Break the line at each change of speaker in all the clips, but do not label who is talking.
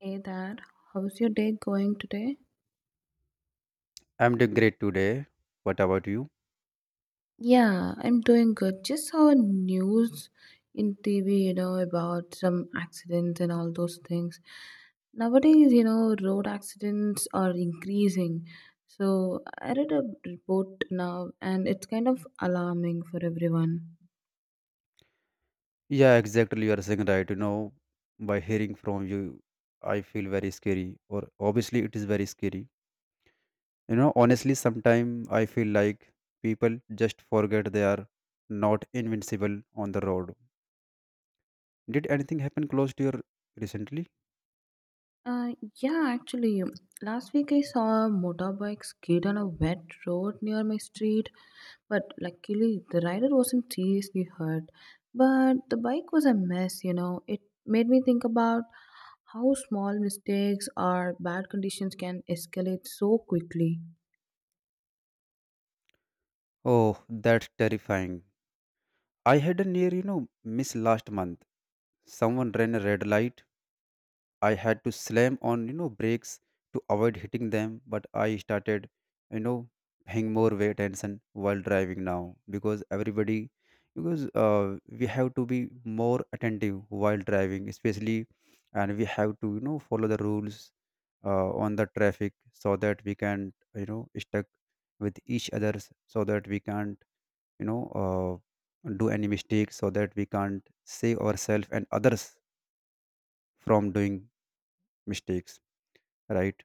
Hey there, how's your day going today?
I'm doing great today. What about you?
Yeah, I'm doing good. Just saw news in TV, about some accidents and all those things. Nowadays, road accidents are increasing. So I read a report now, and it's kind of alarming for everyone.
Yeah, exactly. You are saying right. You know, by hearing from you, I feel very scary. Or obviously, it is very scary. You know, honestly, sometimes I feel like people just forget they are not invincible on the road. Did anything happen close to your recently?
Yeah, actually, last week I saw a motorbike skid on a wet road near my street, but luckily, the rider wasn't seriously hurt. But the bike was a mess. It made me think about how small mistakes or bad conditions can escalate so quickly.
Oh, that's terrifying. I had a near, you know, miss last month. Someone ran a red light. I had to slam on, you know, brakes to avoid hitting them, but I started, you know, paying more weight attention while driving now because everybody, because we have to be more attentive while driving, especially, and we have to, you know, follow the rules on the traffic so that we can, you know, stuck with each others so that we can't, you know, do any mistakes so that we can't save ourselves and others from doing mistakes, right?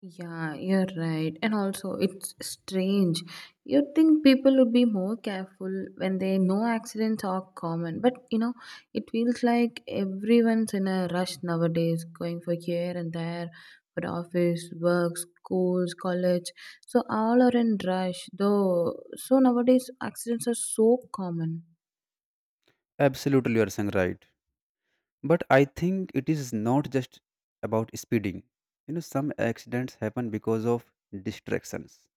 Yeah, you're right. And also, it's strange. You'd think people would be more careful when they know accidents are common. But, it feels like everyone's in a rush nowadays, going for here and there, for office, work, schools, college. So all are in rush, though. So nowadays, accidents are so common.
Absolutely, you are saying right. But I think it is not just about speeding. You know, some accidents happen because of distractions.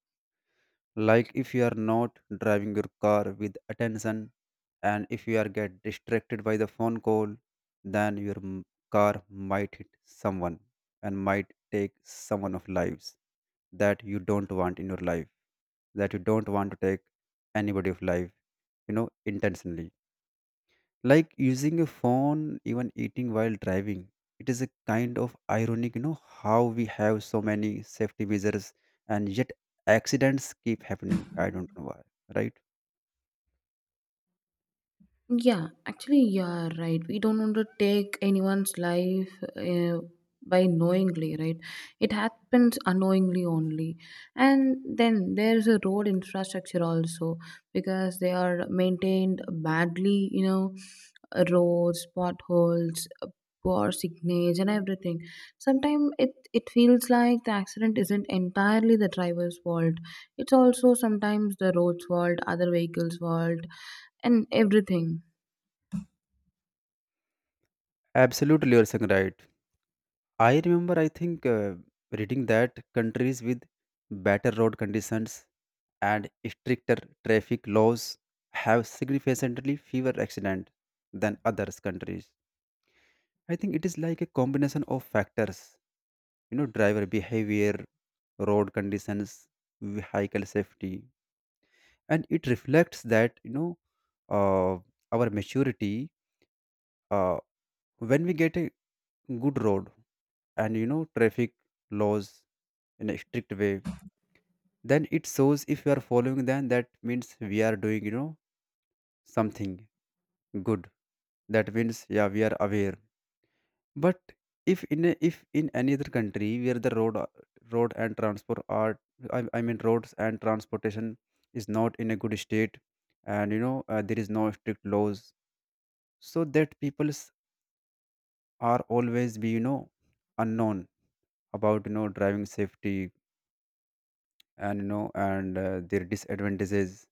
Like if you are not driving your car with attention, and if you are get distracted by the phone call, then car might hit someone and might take someone of lives that you don't want in your life. That you don't want to take anybody of life. You know, intentionally, like using a phone, even eating while driving, it is a kind of ironic, you know, how we have so many safety measures, and yet accidents keep happening. I don't know why, right?
Yeah, actually, you're right. We don't want to take anyone's life uh, by knowingly, right? It happens unknowingly only. And then there's a road infrastructure also because they are maintained badly, roads, potholes, poor signage, and everything. Sometimes it feels like the accident isn't entirely the driver's fault, it's also sometimes the road's fault, other vehicles' fault, and everything.
Absolutely, you're saying right. I remember, I think, reading that countries with better road conditions and stricter traffic laws have significantly fewer accidents than others countries. I think it is like a combination of factors, you know, driver behavior, road conditions, vehicle safety, and it reflects that, you know, uh, our maturity uh, when we get a good road, and you know, traffic laws in a strict way, then it shows if we are following. Then that means we are doing, you know, something good. That means, yeah, we are aware. But if in any other country where the road and transport are, I mean roads and transportation is not in a good state, and you know, there is no strict laws, so that peoples are always be, you know, unknown about, you know, driving safety, and you know, and their disadvantages,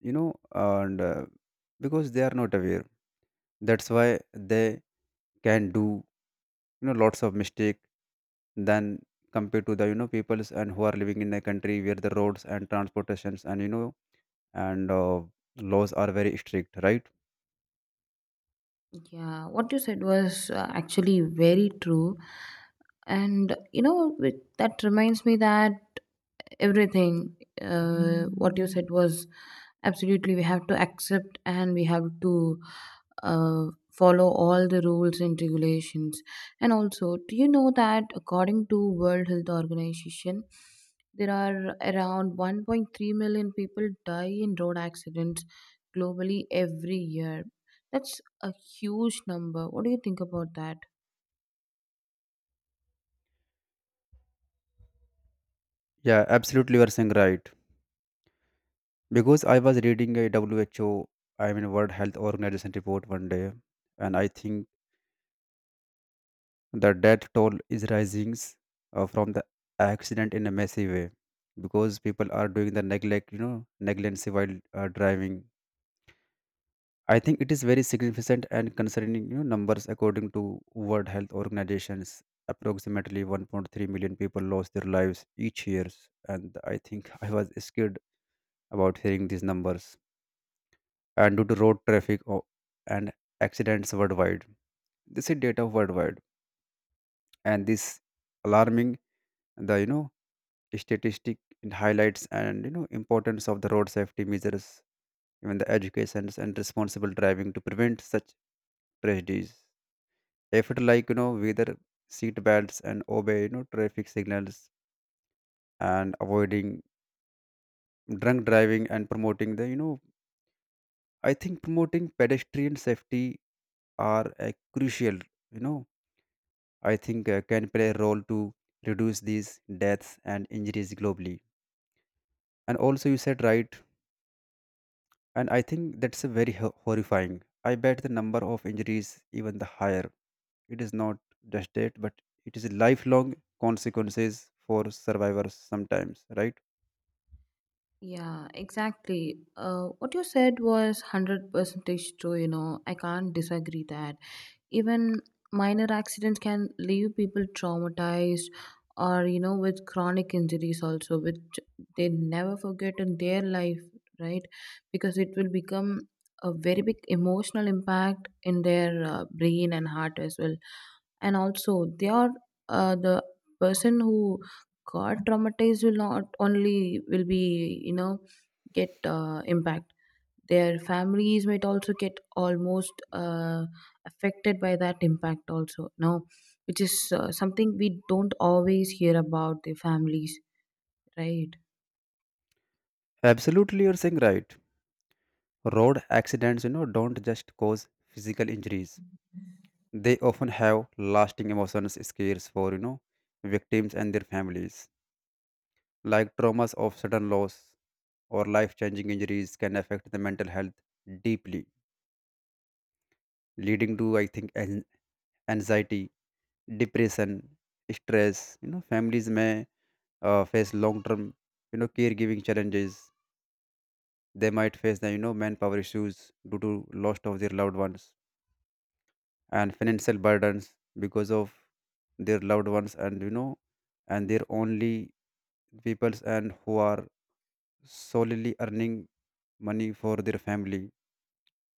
you know and because they are not aware, that's why they can do, you know, lots of mistake than compared to the, you know, peoples and who are living in a country where the roads and transportations, and you know, and laws are very strict, right?
Yeah, what you said was actually very true. And that reminds me that everything, what you said was absolutely we have to accept and we have to uh, follow all the rules and regulations. And also, do you know that according to World Health Organization there are around 1.3 million people die in road accidents globally every year? That's a huge number. What do you think about that?
Yeah, absolutely, you are saying right. Because I was reading a who, I mean World Health Organization report one day, and I think the death toll is rising, from the accident in a massive way, because people are doing the neglect, you know, negligence while driving. I think it is very significant and concerning, you know, numbers according to World Health Organizations. Approximately 1.3 million people lost their lives each year, and I think I was scared about hearing these numbers. And due to and accidents worldwide, this is data worldwide, and this alarming the, you know, statistic, it highlights and, you know, importance of the road safety measures, even the educations and responsible driving to prevent such tragedies. Effort, like, you know, whether seat belts and obey, you know, traffic signals and avoiding drunk driving and promoting the, you know, I think promoting pedestrian safety are a crucial, you know, I think can play a role to reduce these deaths and injuries globally. And also you said right, and I think that's a very horrifying. I bet the number of injuries even the higher. It is not just death, but it is lifelong consequences for survivors sometimes, right?
Yeah, exactly. What you said was 100% true, you know. I can't disagree that. Even minor accidents can leave people traumatized or, with chronic injuries also, which they never forget in their life, right? Because it will become a very big emotional impact in their brain and heart as well. And also, they are the person who got traumatized will not only will be get impact, their families might also get almost affected by that impact also, no, which is something we don't always hear about the families, right?
Absolutely, you're saying right. Road accidents, you know, don't just cause physical injuries. They often have lasting emotions scares for, you know, victims and their families. Like traumas of sudden loss or life-changing injuries can affect the mental health deeply, leading to, I think, anxiety, depression, stress. You know, families may face long-term, you know, caregiving challenges. They might face the, you know, manpower issues due to loss of their loved ones and financial burdens because of their loved ones, and you know, and their only peoples and who are solely earning money for their family,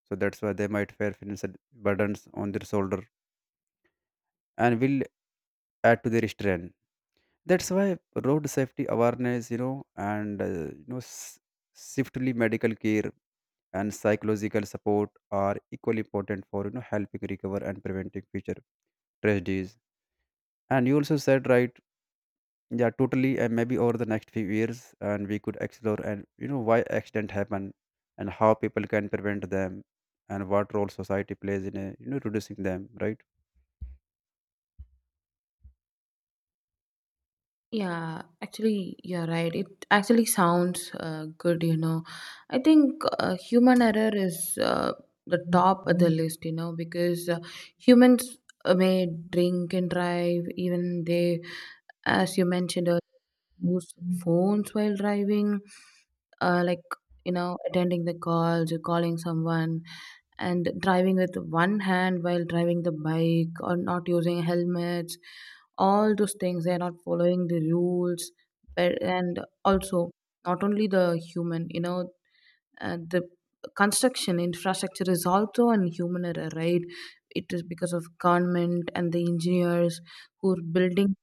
so that's why they might bear financial burdens on their shoulder and will add to their strain. That's why road safety awareness, you know, and swiftly medical care and psychological support are equally important for, you know, helping recover and preventing future tragedies. And you also said, right, yeah, totally, and maybe over the next few years, and we could explore and, you know, why accident happen, and how people can prevent them, and what role society plays in a, you know, reducing them, right?
Yeah, actually, you're right. It actually sounds good, you know. I think human error is the top of the list, you know, because humans may drink and drive. Even they, as you mentioned earlier, use phones while driving, like attending the calls, calling someone and driving with one hand while driving the bike, or not using helmets. All those things, they are not following the rules. But and also, not only the human, the construction infrastructure is also an human error, right? It is because of government and the engineers who are building.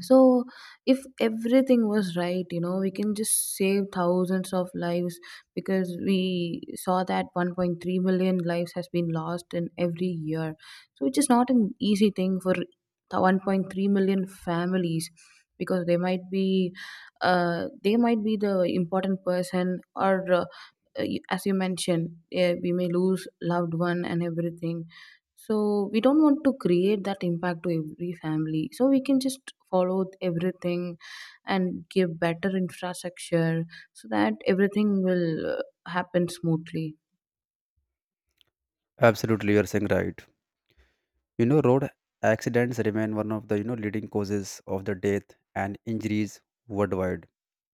So, if everything was right, you know, we can just save thousands of lives, because we saw that 1.3 million lives has been lost in every year. So, which is not an easy thing for the 1.3 million families because they might be the important person. Or. Uh, as you mentioned, we may lose loved one and everything. So we don't want to create that impact to every family. So we can just follow everything and give better infrastructure so that everything will happen smoothly.
Absolutely, you're saying right. You know, road accidents remain one of the, you know, leading causes of the death and injuries worldwide,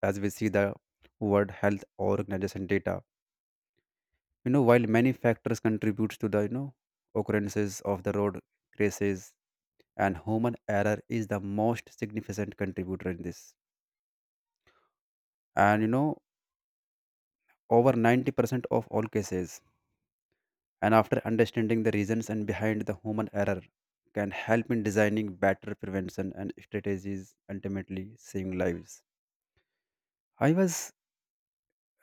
as we see the World Health Organization data. You know, while many factors contribute to the, you know, occurrences of the road crashes, and human error is the most significant contributor in this, and you know, over 90% of all cases, and after understanding the reasons and behind the human error can help in designing better prevention and strategies, ultimately saving lives. I was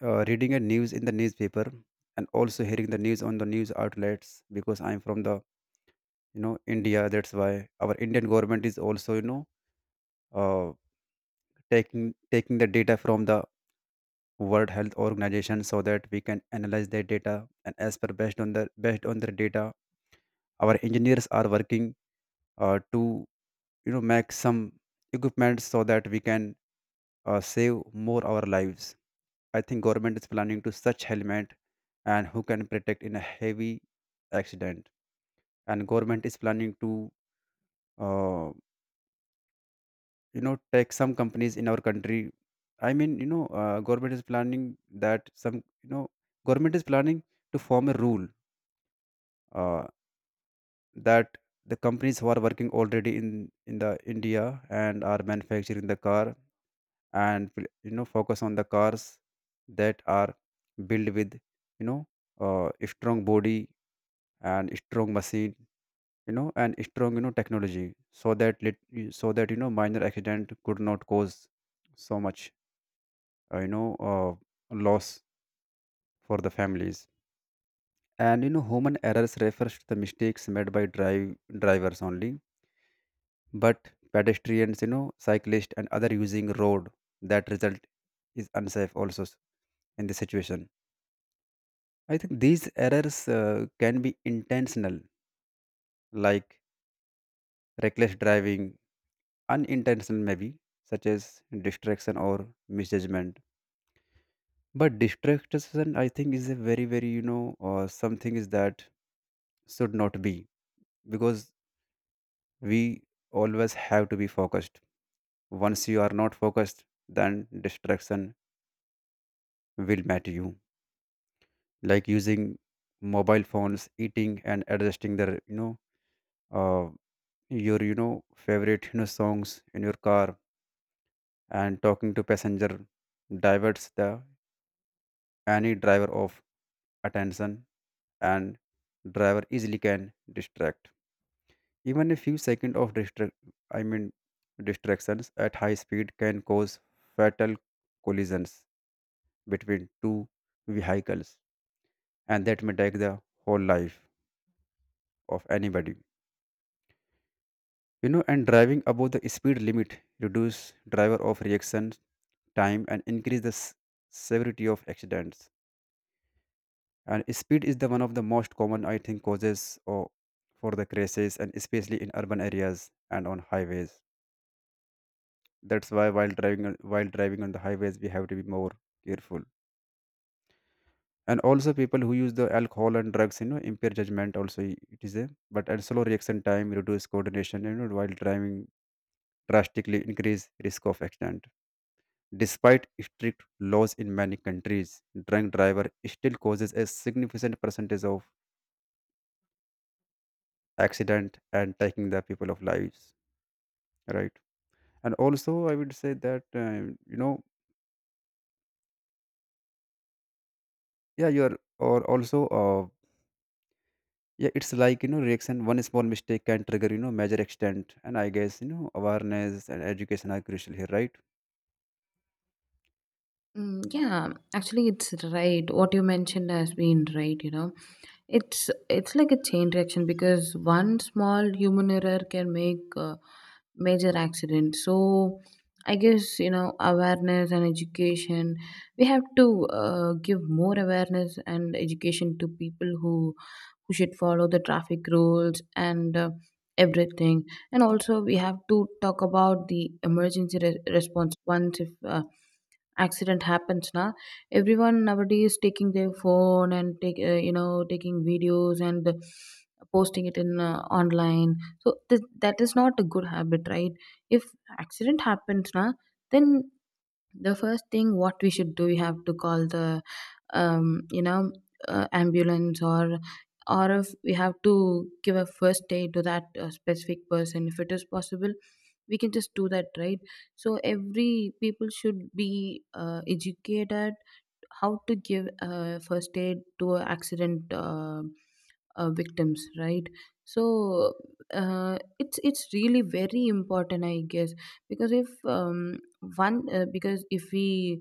reading a news in the newspaper and also hearing the news on the news outlets, because I'm from the, you know, India, that's why our Indian government is also, you know, uh, taking taking the data from the World Health Organization, so that we can analyze their data, and as per based on their data, our engineers are working, to, you know, make some equipment so that we can save more our lives. I think government is planning to such helmet and who can protect in a heavy accident. And government is planning to, uh, you know, take some companies in our country. I mean, you know, that some you know government is planning to form a rule, uh, that the companies who are working already in the India and are manufacturing the car, and will, you know, focus on the cars that are built with, you know, a strong body and a strong machine, you know, and a strong, you know, technology, so that so that, you know, minor accident could not cause so much uh, you know uh, loss for the families. And you know, human errors refers to the mistakes made by drivers only, but pedestrians, you know, cyclists and other using road that result is unsafe also in this situation. I think these errors can be intentional, like reckless driving, unintentional maybe, such as distraction or misjudgment. But distraction, I think, is a very very, you know, something is that should not be, because we always have to be focused. Once you are not focused, then distraction will matter you, like using mobile phones, eating, and adjusting their, you know, uh, your, you know, favorite, you know, songs in your car, and talking to passenger diverts the any driver of attention, and driver easily can distract. Even a few seconds of distract, I mean, distractions at high speed can cause fatal collisions between two vehicles, and that may take the whole life of anybody. You know, and driving above the speed limit reduce driver of reaction time and increase the severity of accidents. And speed is the one of the most common, I think, causes or for the crashes, and especially in urban areas and on highways. That's why while driving on the highways, we have to be more careful. And also people who use the alcohol and drugs, you know, impair judgment also, it is a, but and slow reaction time reduce coordination, you know, while driving drastically increase risk of accident. Despite strict laws in many countries, drunk driver still causes a significant percentage of accident and taking the people of lives. Right, and also I would say that, yeah, you're or also uh, yeah, it's like, you know, reaction. One small mistake can trigger, you know, major extent, and I guess, you know, awareness and education are crucial here. Right,
Mm, yeah, actually, it's right. What you mentioned has been right, you know. It's like a chain reaction because one small human error can make a major accident. So I guess, you know, awareness and education, we have to give more awareness and education to people who should follow the traffic rules and everything. And also we have to talk about the emergency response. Once if accident happens na, everyone nowadays taking their phone and take taking videos and posting it in online. So that is not a good habit, right? If accident happens na, then the first thing what we should do, we have to call the um, you know ambulance, or if we have to give a first aid to that specific person, if it is possible, we can just do that, right? So every people should be educated how to give first aid to an accident victims, right? So it's really very important, I guess, because if one because if we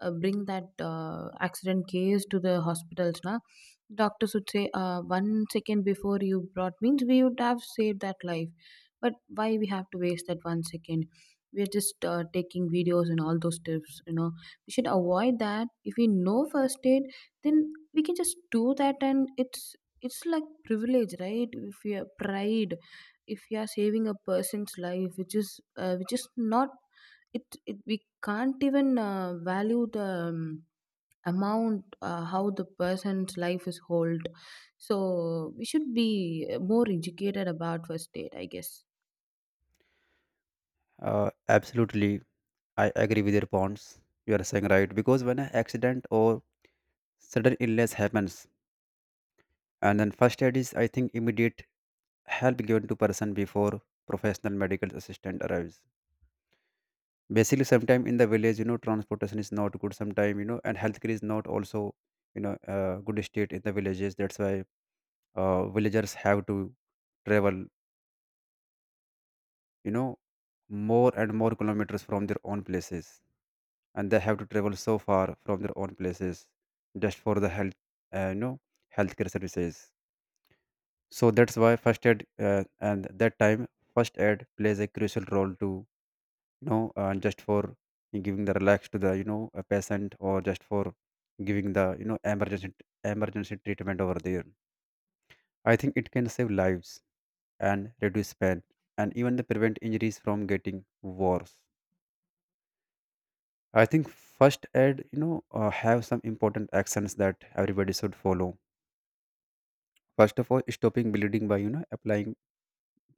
bring that accident case to the hospitals now, doctors would say 1 second before you brought means we would have saved that life. But why we have to waste that 1 second? We are just taking videos and all those tips, you know. We should avoid that. If we know first aid, then we can just do that. And it's like privilege, right? If you are pride, if you are saving a person's life, which is not, it we can't even value the amount how the person's life is hold. So we should be more educated about first aid, I guess.
absolutely, I agree with your points. You are saying right because when an accident or sudden illness happens and then first aid is, I think, immediate help given to person before professional medical assistant arrives. Basically sometime in the village, transportation is not good sometime, and healthcare is not also, good state in the villages. That's why villagers have to travel, you know more and more kilometers from their own places, and they have to travel so far from their own places just for the health, uh, you know healthcare services. So that's why first aid, and that time first aid plays a crucial role to, just for giving the relax to the, a patient, or just for giving the, emergency treatment over there. I think it can save lives and reduce pain and even the prevent injuries from getting worse. I think first aid, have some important actions that everybody should follow. First of all, stopping bleeding by, applying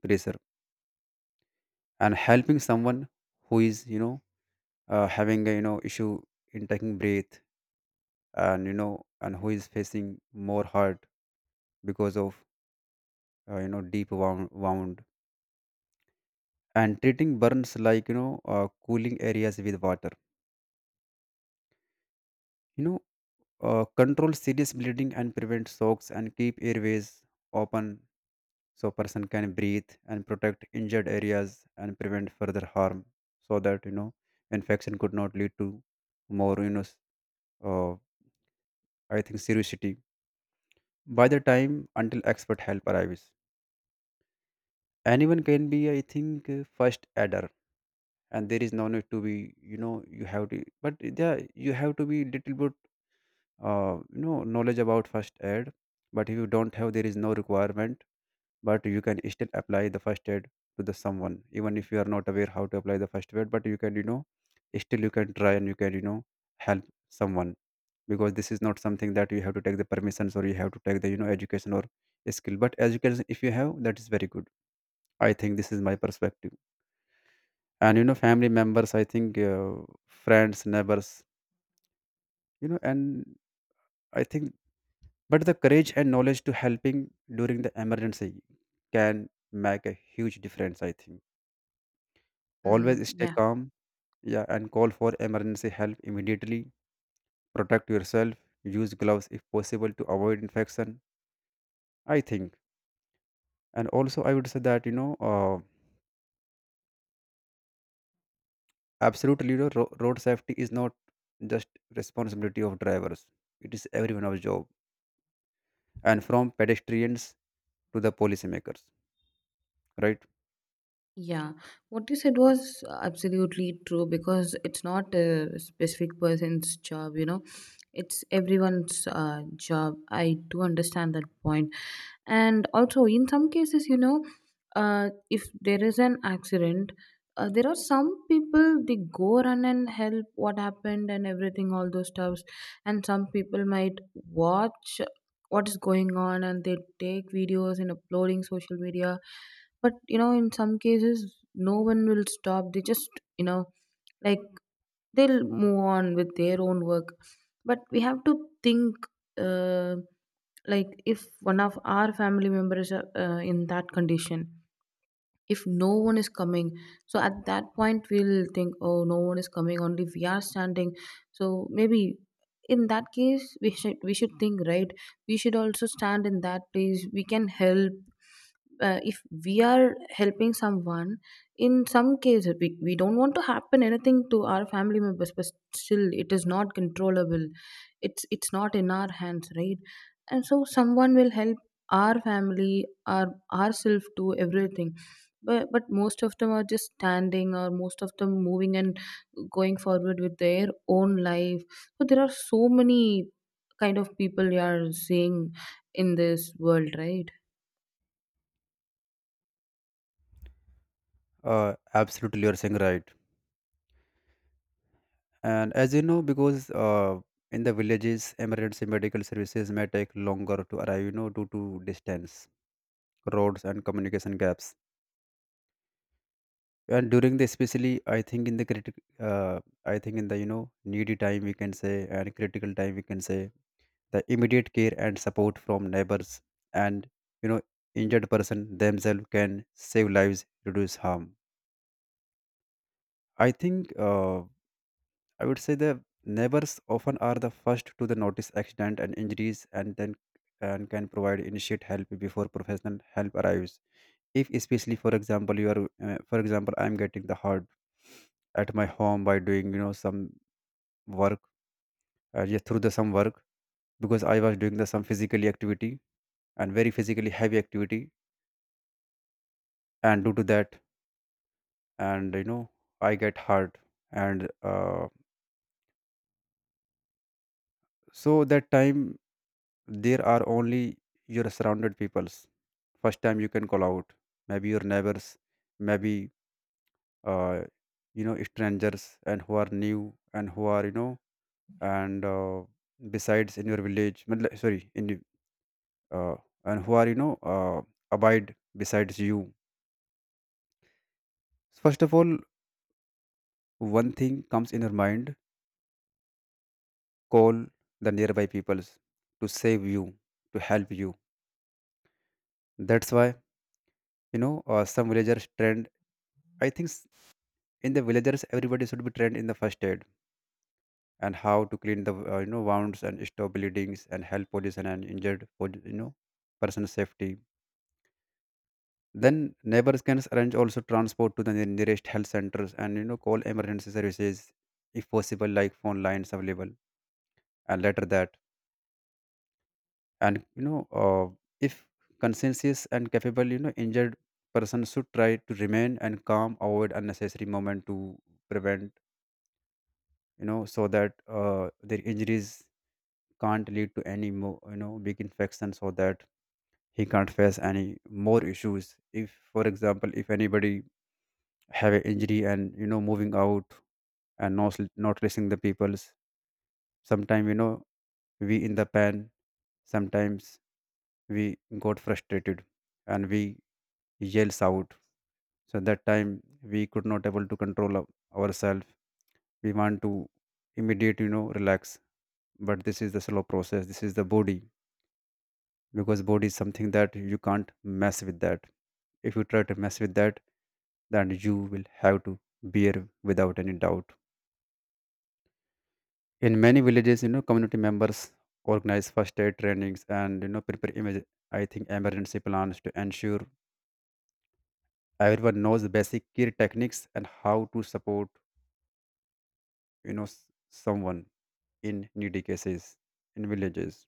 pressure, and helping someone who is, having a, issue in taking breath, and and who is facing more hurt because of, deep wound, and treating burns like, cooling areas with water, you know control serious bleeding and prevent shocks and keep airways open so person can breathe and protect injured areas and prevent further harm, so that, infection could not lead to more, uh, I think seriousity, by the time until expert help arrives. Anyone can be, I think, a first aider, and there is no need to be, you have to, but there you have to be little bit, knowledge about first aid. But if you don't have, there is no requirement, but you can still apply the first aid to the someone even if you are not aware how to apply the first aid, but you can, still you can try and you can, help someone, because this is not something that you have to take the permissions or you have to take the, education or skill. But education, if you have, that is very good. I think this is my perspective. And family members, I think, friends, neighbors, and I think, but the courage and knowledge to helping during the emergency can make a huge difference, I think. Always
Mm,
stay
yeah,
calm, yeah, and call for emergency help immediately. Protect yourself, use gloves if possible to avoid infection, I think. And also I would say that, absolutely, road safety is not just responsibility of drivers, it is everyone's job, and from pedestrians to the policymakers, right?
yeah. What you said was absolutely true because it's not a specific person's job, you know, it's everyone's job. I do understand that point. And also in some cases, you know, if there is an accident, there are some people they go run and help what happened and everything, all those stuffs. And some people might watch what is going on and they take videos and uploading social media. But you know, in some cases no one will stop, they just, you know, like, they'll move on with their own work. But we have to think, uh, like if one of our family members are in that condition, if no one is coming, so at that point we'll think, oh, no one is coming, only we are standing. So maybe in that case we should think, right? We should also stand in that place, we can help. If we are helping someone, in some cases we don't want to happen anything to our family members, but still it is not controllable. It's not in our hands, right? And so someone will help our family, ourselves, to everything. But most of them are just standing, or most of them moving and going forward with their own life. So there are so many kind of people you are seeing in this world, right?
uh, Absolutely, you're saying right. And as you know, because, in the villages emergency medical services may take longer to arrive, due to distance, roads and communication gaps. And during the especially, I think in the critical, uh, I think in the, needy time, we can say, and critical time, we can say the immediate care and support from neighbors, and you know injured person themselves, can save lives, reduce harm, I think. I would say the neighbors often are the first to the notice accident and injuries, and then and can provide initiate help before professional help arrives. If especially for example you are, for example I am getting the hurt at my home by doing, some work, yeah, through the some work, because I was doing the some physically activity, and very physically heavy activity, and due to that, and I get hurt, and so that time there are only your surrounded peoples. First time you can call out maybe your neighbors, maybe, uh, strangers and who are new and who are, and besides in your sorry in your- uh, and who are, abide besides you. First of all, one thing comes in your mind: call the nearby peoples to save you, to help you. That's why, some villagers trend, I think s- in the villages everybody should be trained in the first aid, and how to clean the, wounds and stop bleedings and help police and an injured for, person safety. Then neighbors can arrange also transport to the nearest health centers, and call emergency services if possible, like phone lines available. And later that, and if conscientious and capable, injured person should try to remain and calm, avoid unnecessary moment to prevent, so that, their injuries can't lead to any more, big infection, so that he can't face any more issues. If for example if anybody have an injury and, moving out and not, not listening the people's. Sometimes, we in the pan sometimes we got frustrated and we yells out. So that time we could not able to control ourselves. We want to immediate, relax, but this is the slow process, this is the body, because body is something that you can't mess with that. If you try to mess with that, then you will have to bear without any doubt. In many villages, community members organize first aid trainings and, prepare image, I think, emergency plans to ensure everyone knows the basic care techniques and how to support, you know s- someone in needy cases, in villages.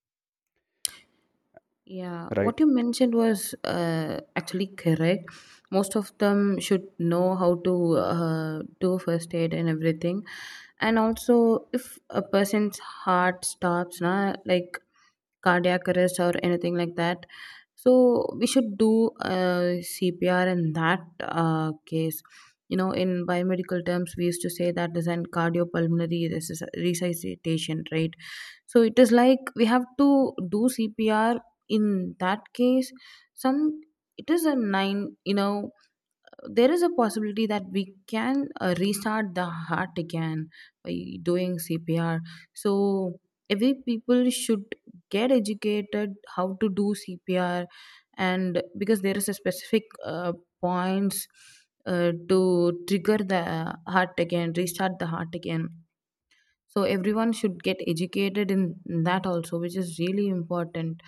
Yeah,
Right,
what you mentioned was actually correct. Most of them should know how to do first aid and everything. And also if a person's heart stops na, like cardiac arrest or anything like that, so we should do CPR in that case. You know, in biomedical terms, we used to say that is an cardiopulmonary resuscitation, right? So it is like we have to do CPR in that case. Some, it is a nine, you know, there is a possibility that we can restart the heart again by doing CPR. So every people should get educated how to do CPR, and because there is a specific points to trigger the heart again, restart the heart again. So everyone should get educated in that also, which is really important.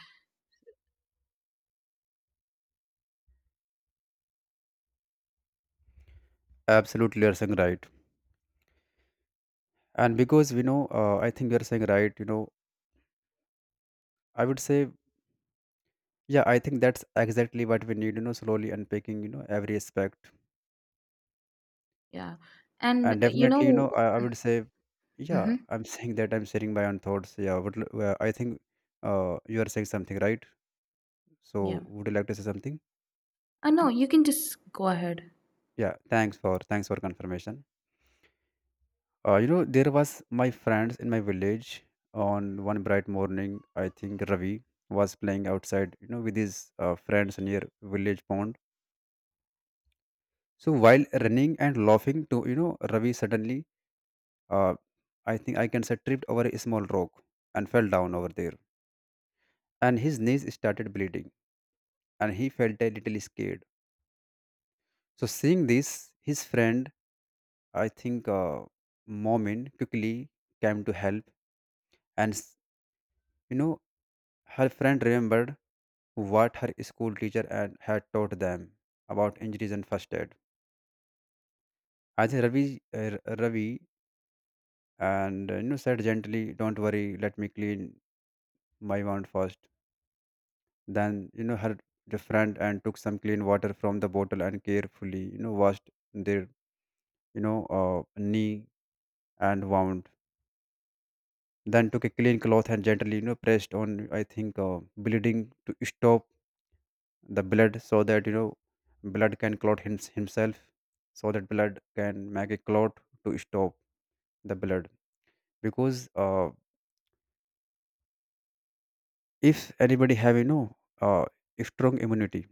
absolutely, you are saying right. And because we know, I think you are saying right, I would say, yeah, I think that's exactly what we need, you know, slowly unpacking, you know, every aspect.
Yeah, and
And
you
definitely, you know,
know,
I would say, yeah,
hmm,
I'm saying that I'm sharing my own thoughts. Yeah, would, I think you are saying something, right?
yeah.
So would you like to say something?
I know, you can just go ahead.
Yeah, thanks for confirmation. You know, there was my friends in my village on one bright morning. I think Ravi was playing outside, you know, with his friends near village pond. So while running and laughing to, you know, Ravi suddenly, Uh, I think I can say tripped over a small rock and fell down over there. And his knees started bleeding and he felt a little scared. So seeing this, his friend, I think, Momin, quickly came to help, and you know, her friend remembered what her school teacher and had taught them about injuries and first aid. I think Ravi and, you know, said gently, "Don't worry, let me clean my wound first." Then, you know, her the friend and took some clean water from the bottle and carefully, you know, washed their, you know, knee and wound. Then took a clean cloth and gently, you know, pressed on, I think, bleeding to stop the blood, so that, you know, blood can clot himself, so that blood can make a clot to stop the blood. Because, if anybody have, you know, strong immunity,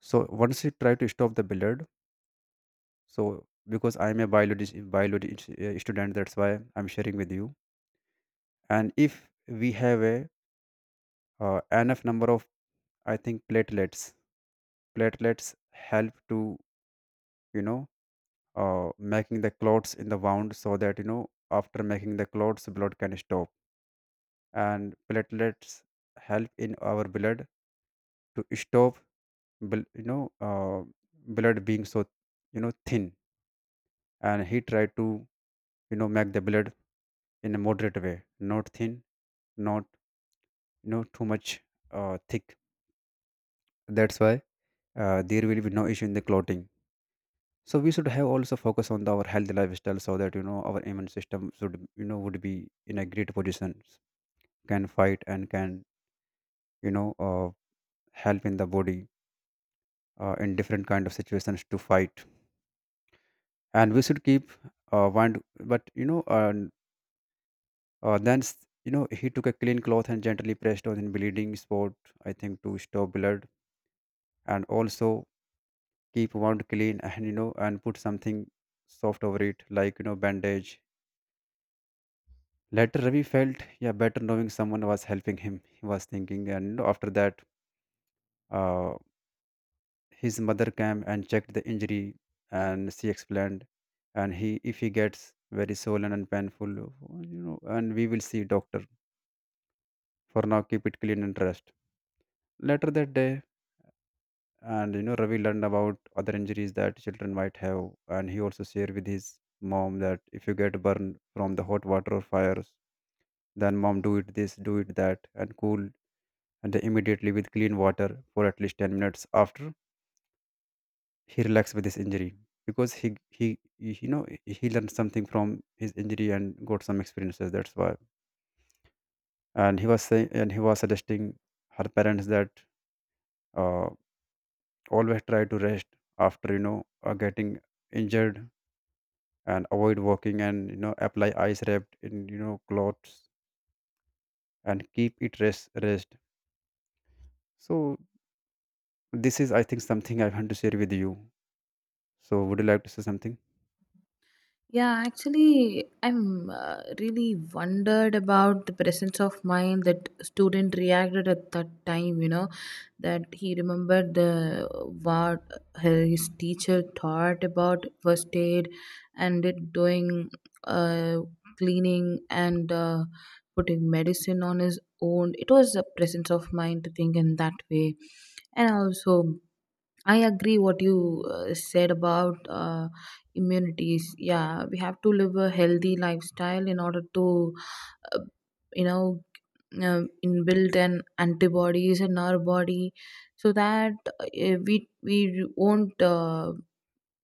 so once you try to stop the blood, so because I'm a biology student, that's why I'm sharing with you. And if we have a, enough number of, I think, platelets help to, you know making the clots in the wound, so that, you know, after making the clots blood can stop, and platelets help in our blood to stop, bl- you know uh, blood being so, you know, thin, and he tried to, you know, make the blood in a moderate way, not thin, not, you know, too much thick. That's why, there will be no issue in the clotting. So we should have also focus on the, our healthy lifestyle, so that, you know, our immune system should, you know, would be in a great position, can fight and can, you know uh, help in the body, in different kind of situations to fight. And we should keep, one but, uh, then s- you know, he took a clean cloth and gently pressed on the bleeding spot, I think to stop blood, and also keep wound clean and, and put something soft over it like, bandage. Later Ravi felt, yeah, better knowing someone was helping him, he was thinking, and you know, after that, uh, his mother came and checked the injury, and she explained, and he if he gets very swollen and painful, you know, and we will see doctor, for now keep it clean and rest. Later that day, and, Ravi learned about other injuries that children might have, and he also shared with his mom that if you get burned from the hot water or fires, then mom do it this do it that and cool, and then immediately with clean water for at least 10 minutes. After he relaxed with his injury, because he, you know, he learned something from his injury and got some experiences. That's why, and he was saying and he was suggesting her parents that, uh, always try to rest after, getting injured, and avoid walking and, apply ice wrapped in, clothes, and keep it rest. So this is, I think, something I want to share with you. So would you like to say something?
Yeah, actually, I'm really wondered about the presence of mind that student reacted at that time. You know, that he remembered the what his teacher taught about first aid, and it doing uh, cleaning and putting medicine on his own. It was a presence of mind to think in that way. And also I agree what you said about immunities. Yeah, we have to live a healthy lifestyle in order to, uh, you know, inbuilt an antibodies in our body, so that we won't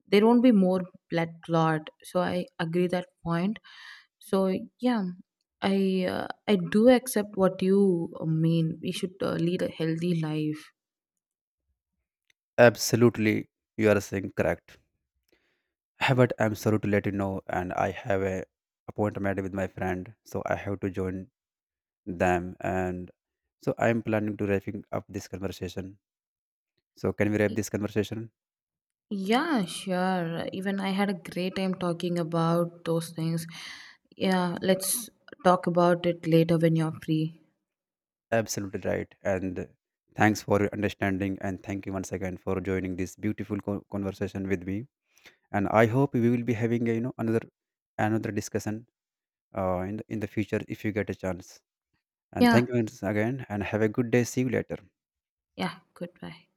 there won't be more blood clot. So I agree that point. So yeah, I do accept what you mean. We should lead a healthy life.
Absolutely, you are saying correct. But I'm sorry to let you know and I have a appointment with my friend, so I have to join them, and so I'm planning to wrapping up this conversation. So can we wrap this conversation?
Yeah, sure. Even I had a great time talking about those things. Yeah, let's talk about it later when you're free.
Absolutely right. And thanks for your understanding. And thank you once again for joining this beautiful conversation with me. And I hope we will be having a, you know, another discussion in the future if you get a chance. And
Yeah,
thank you once again. And have a good day. See you later.
yeah, goodbye.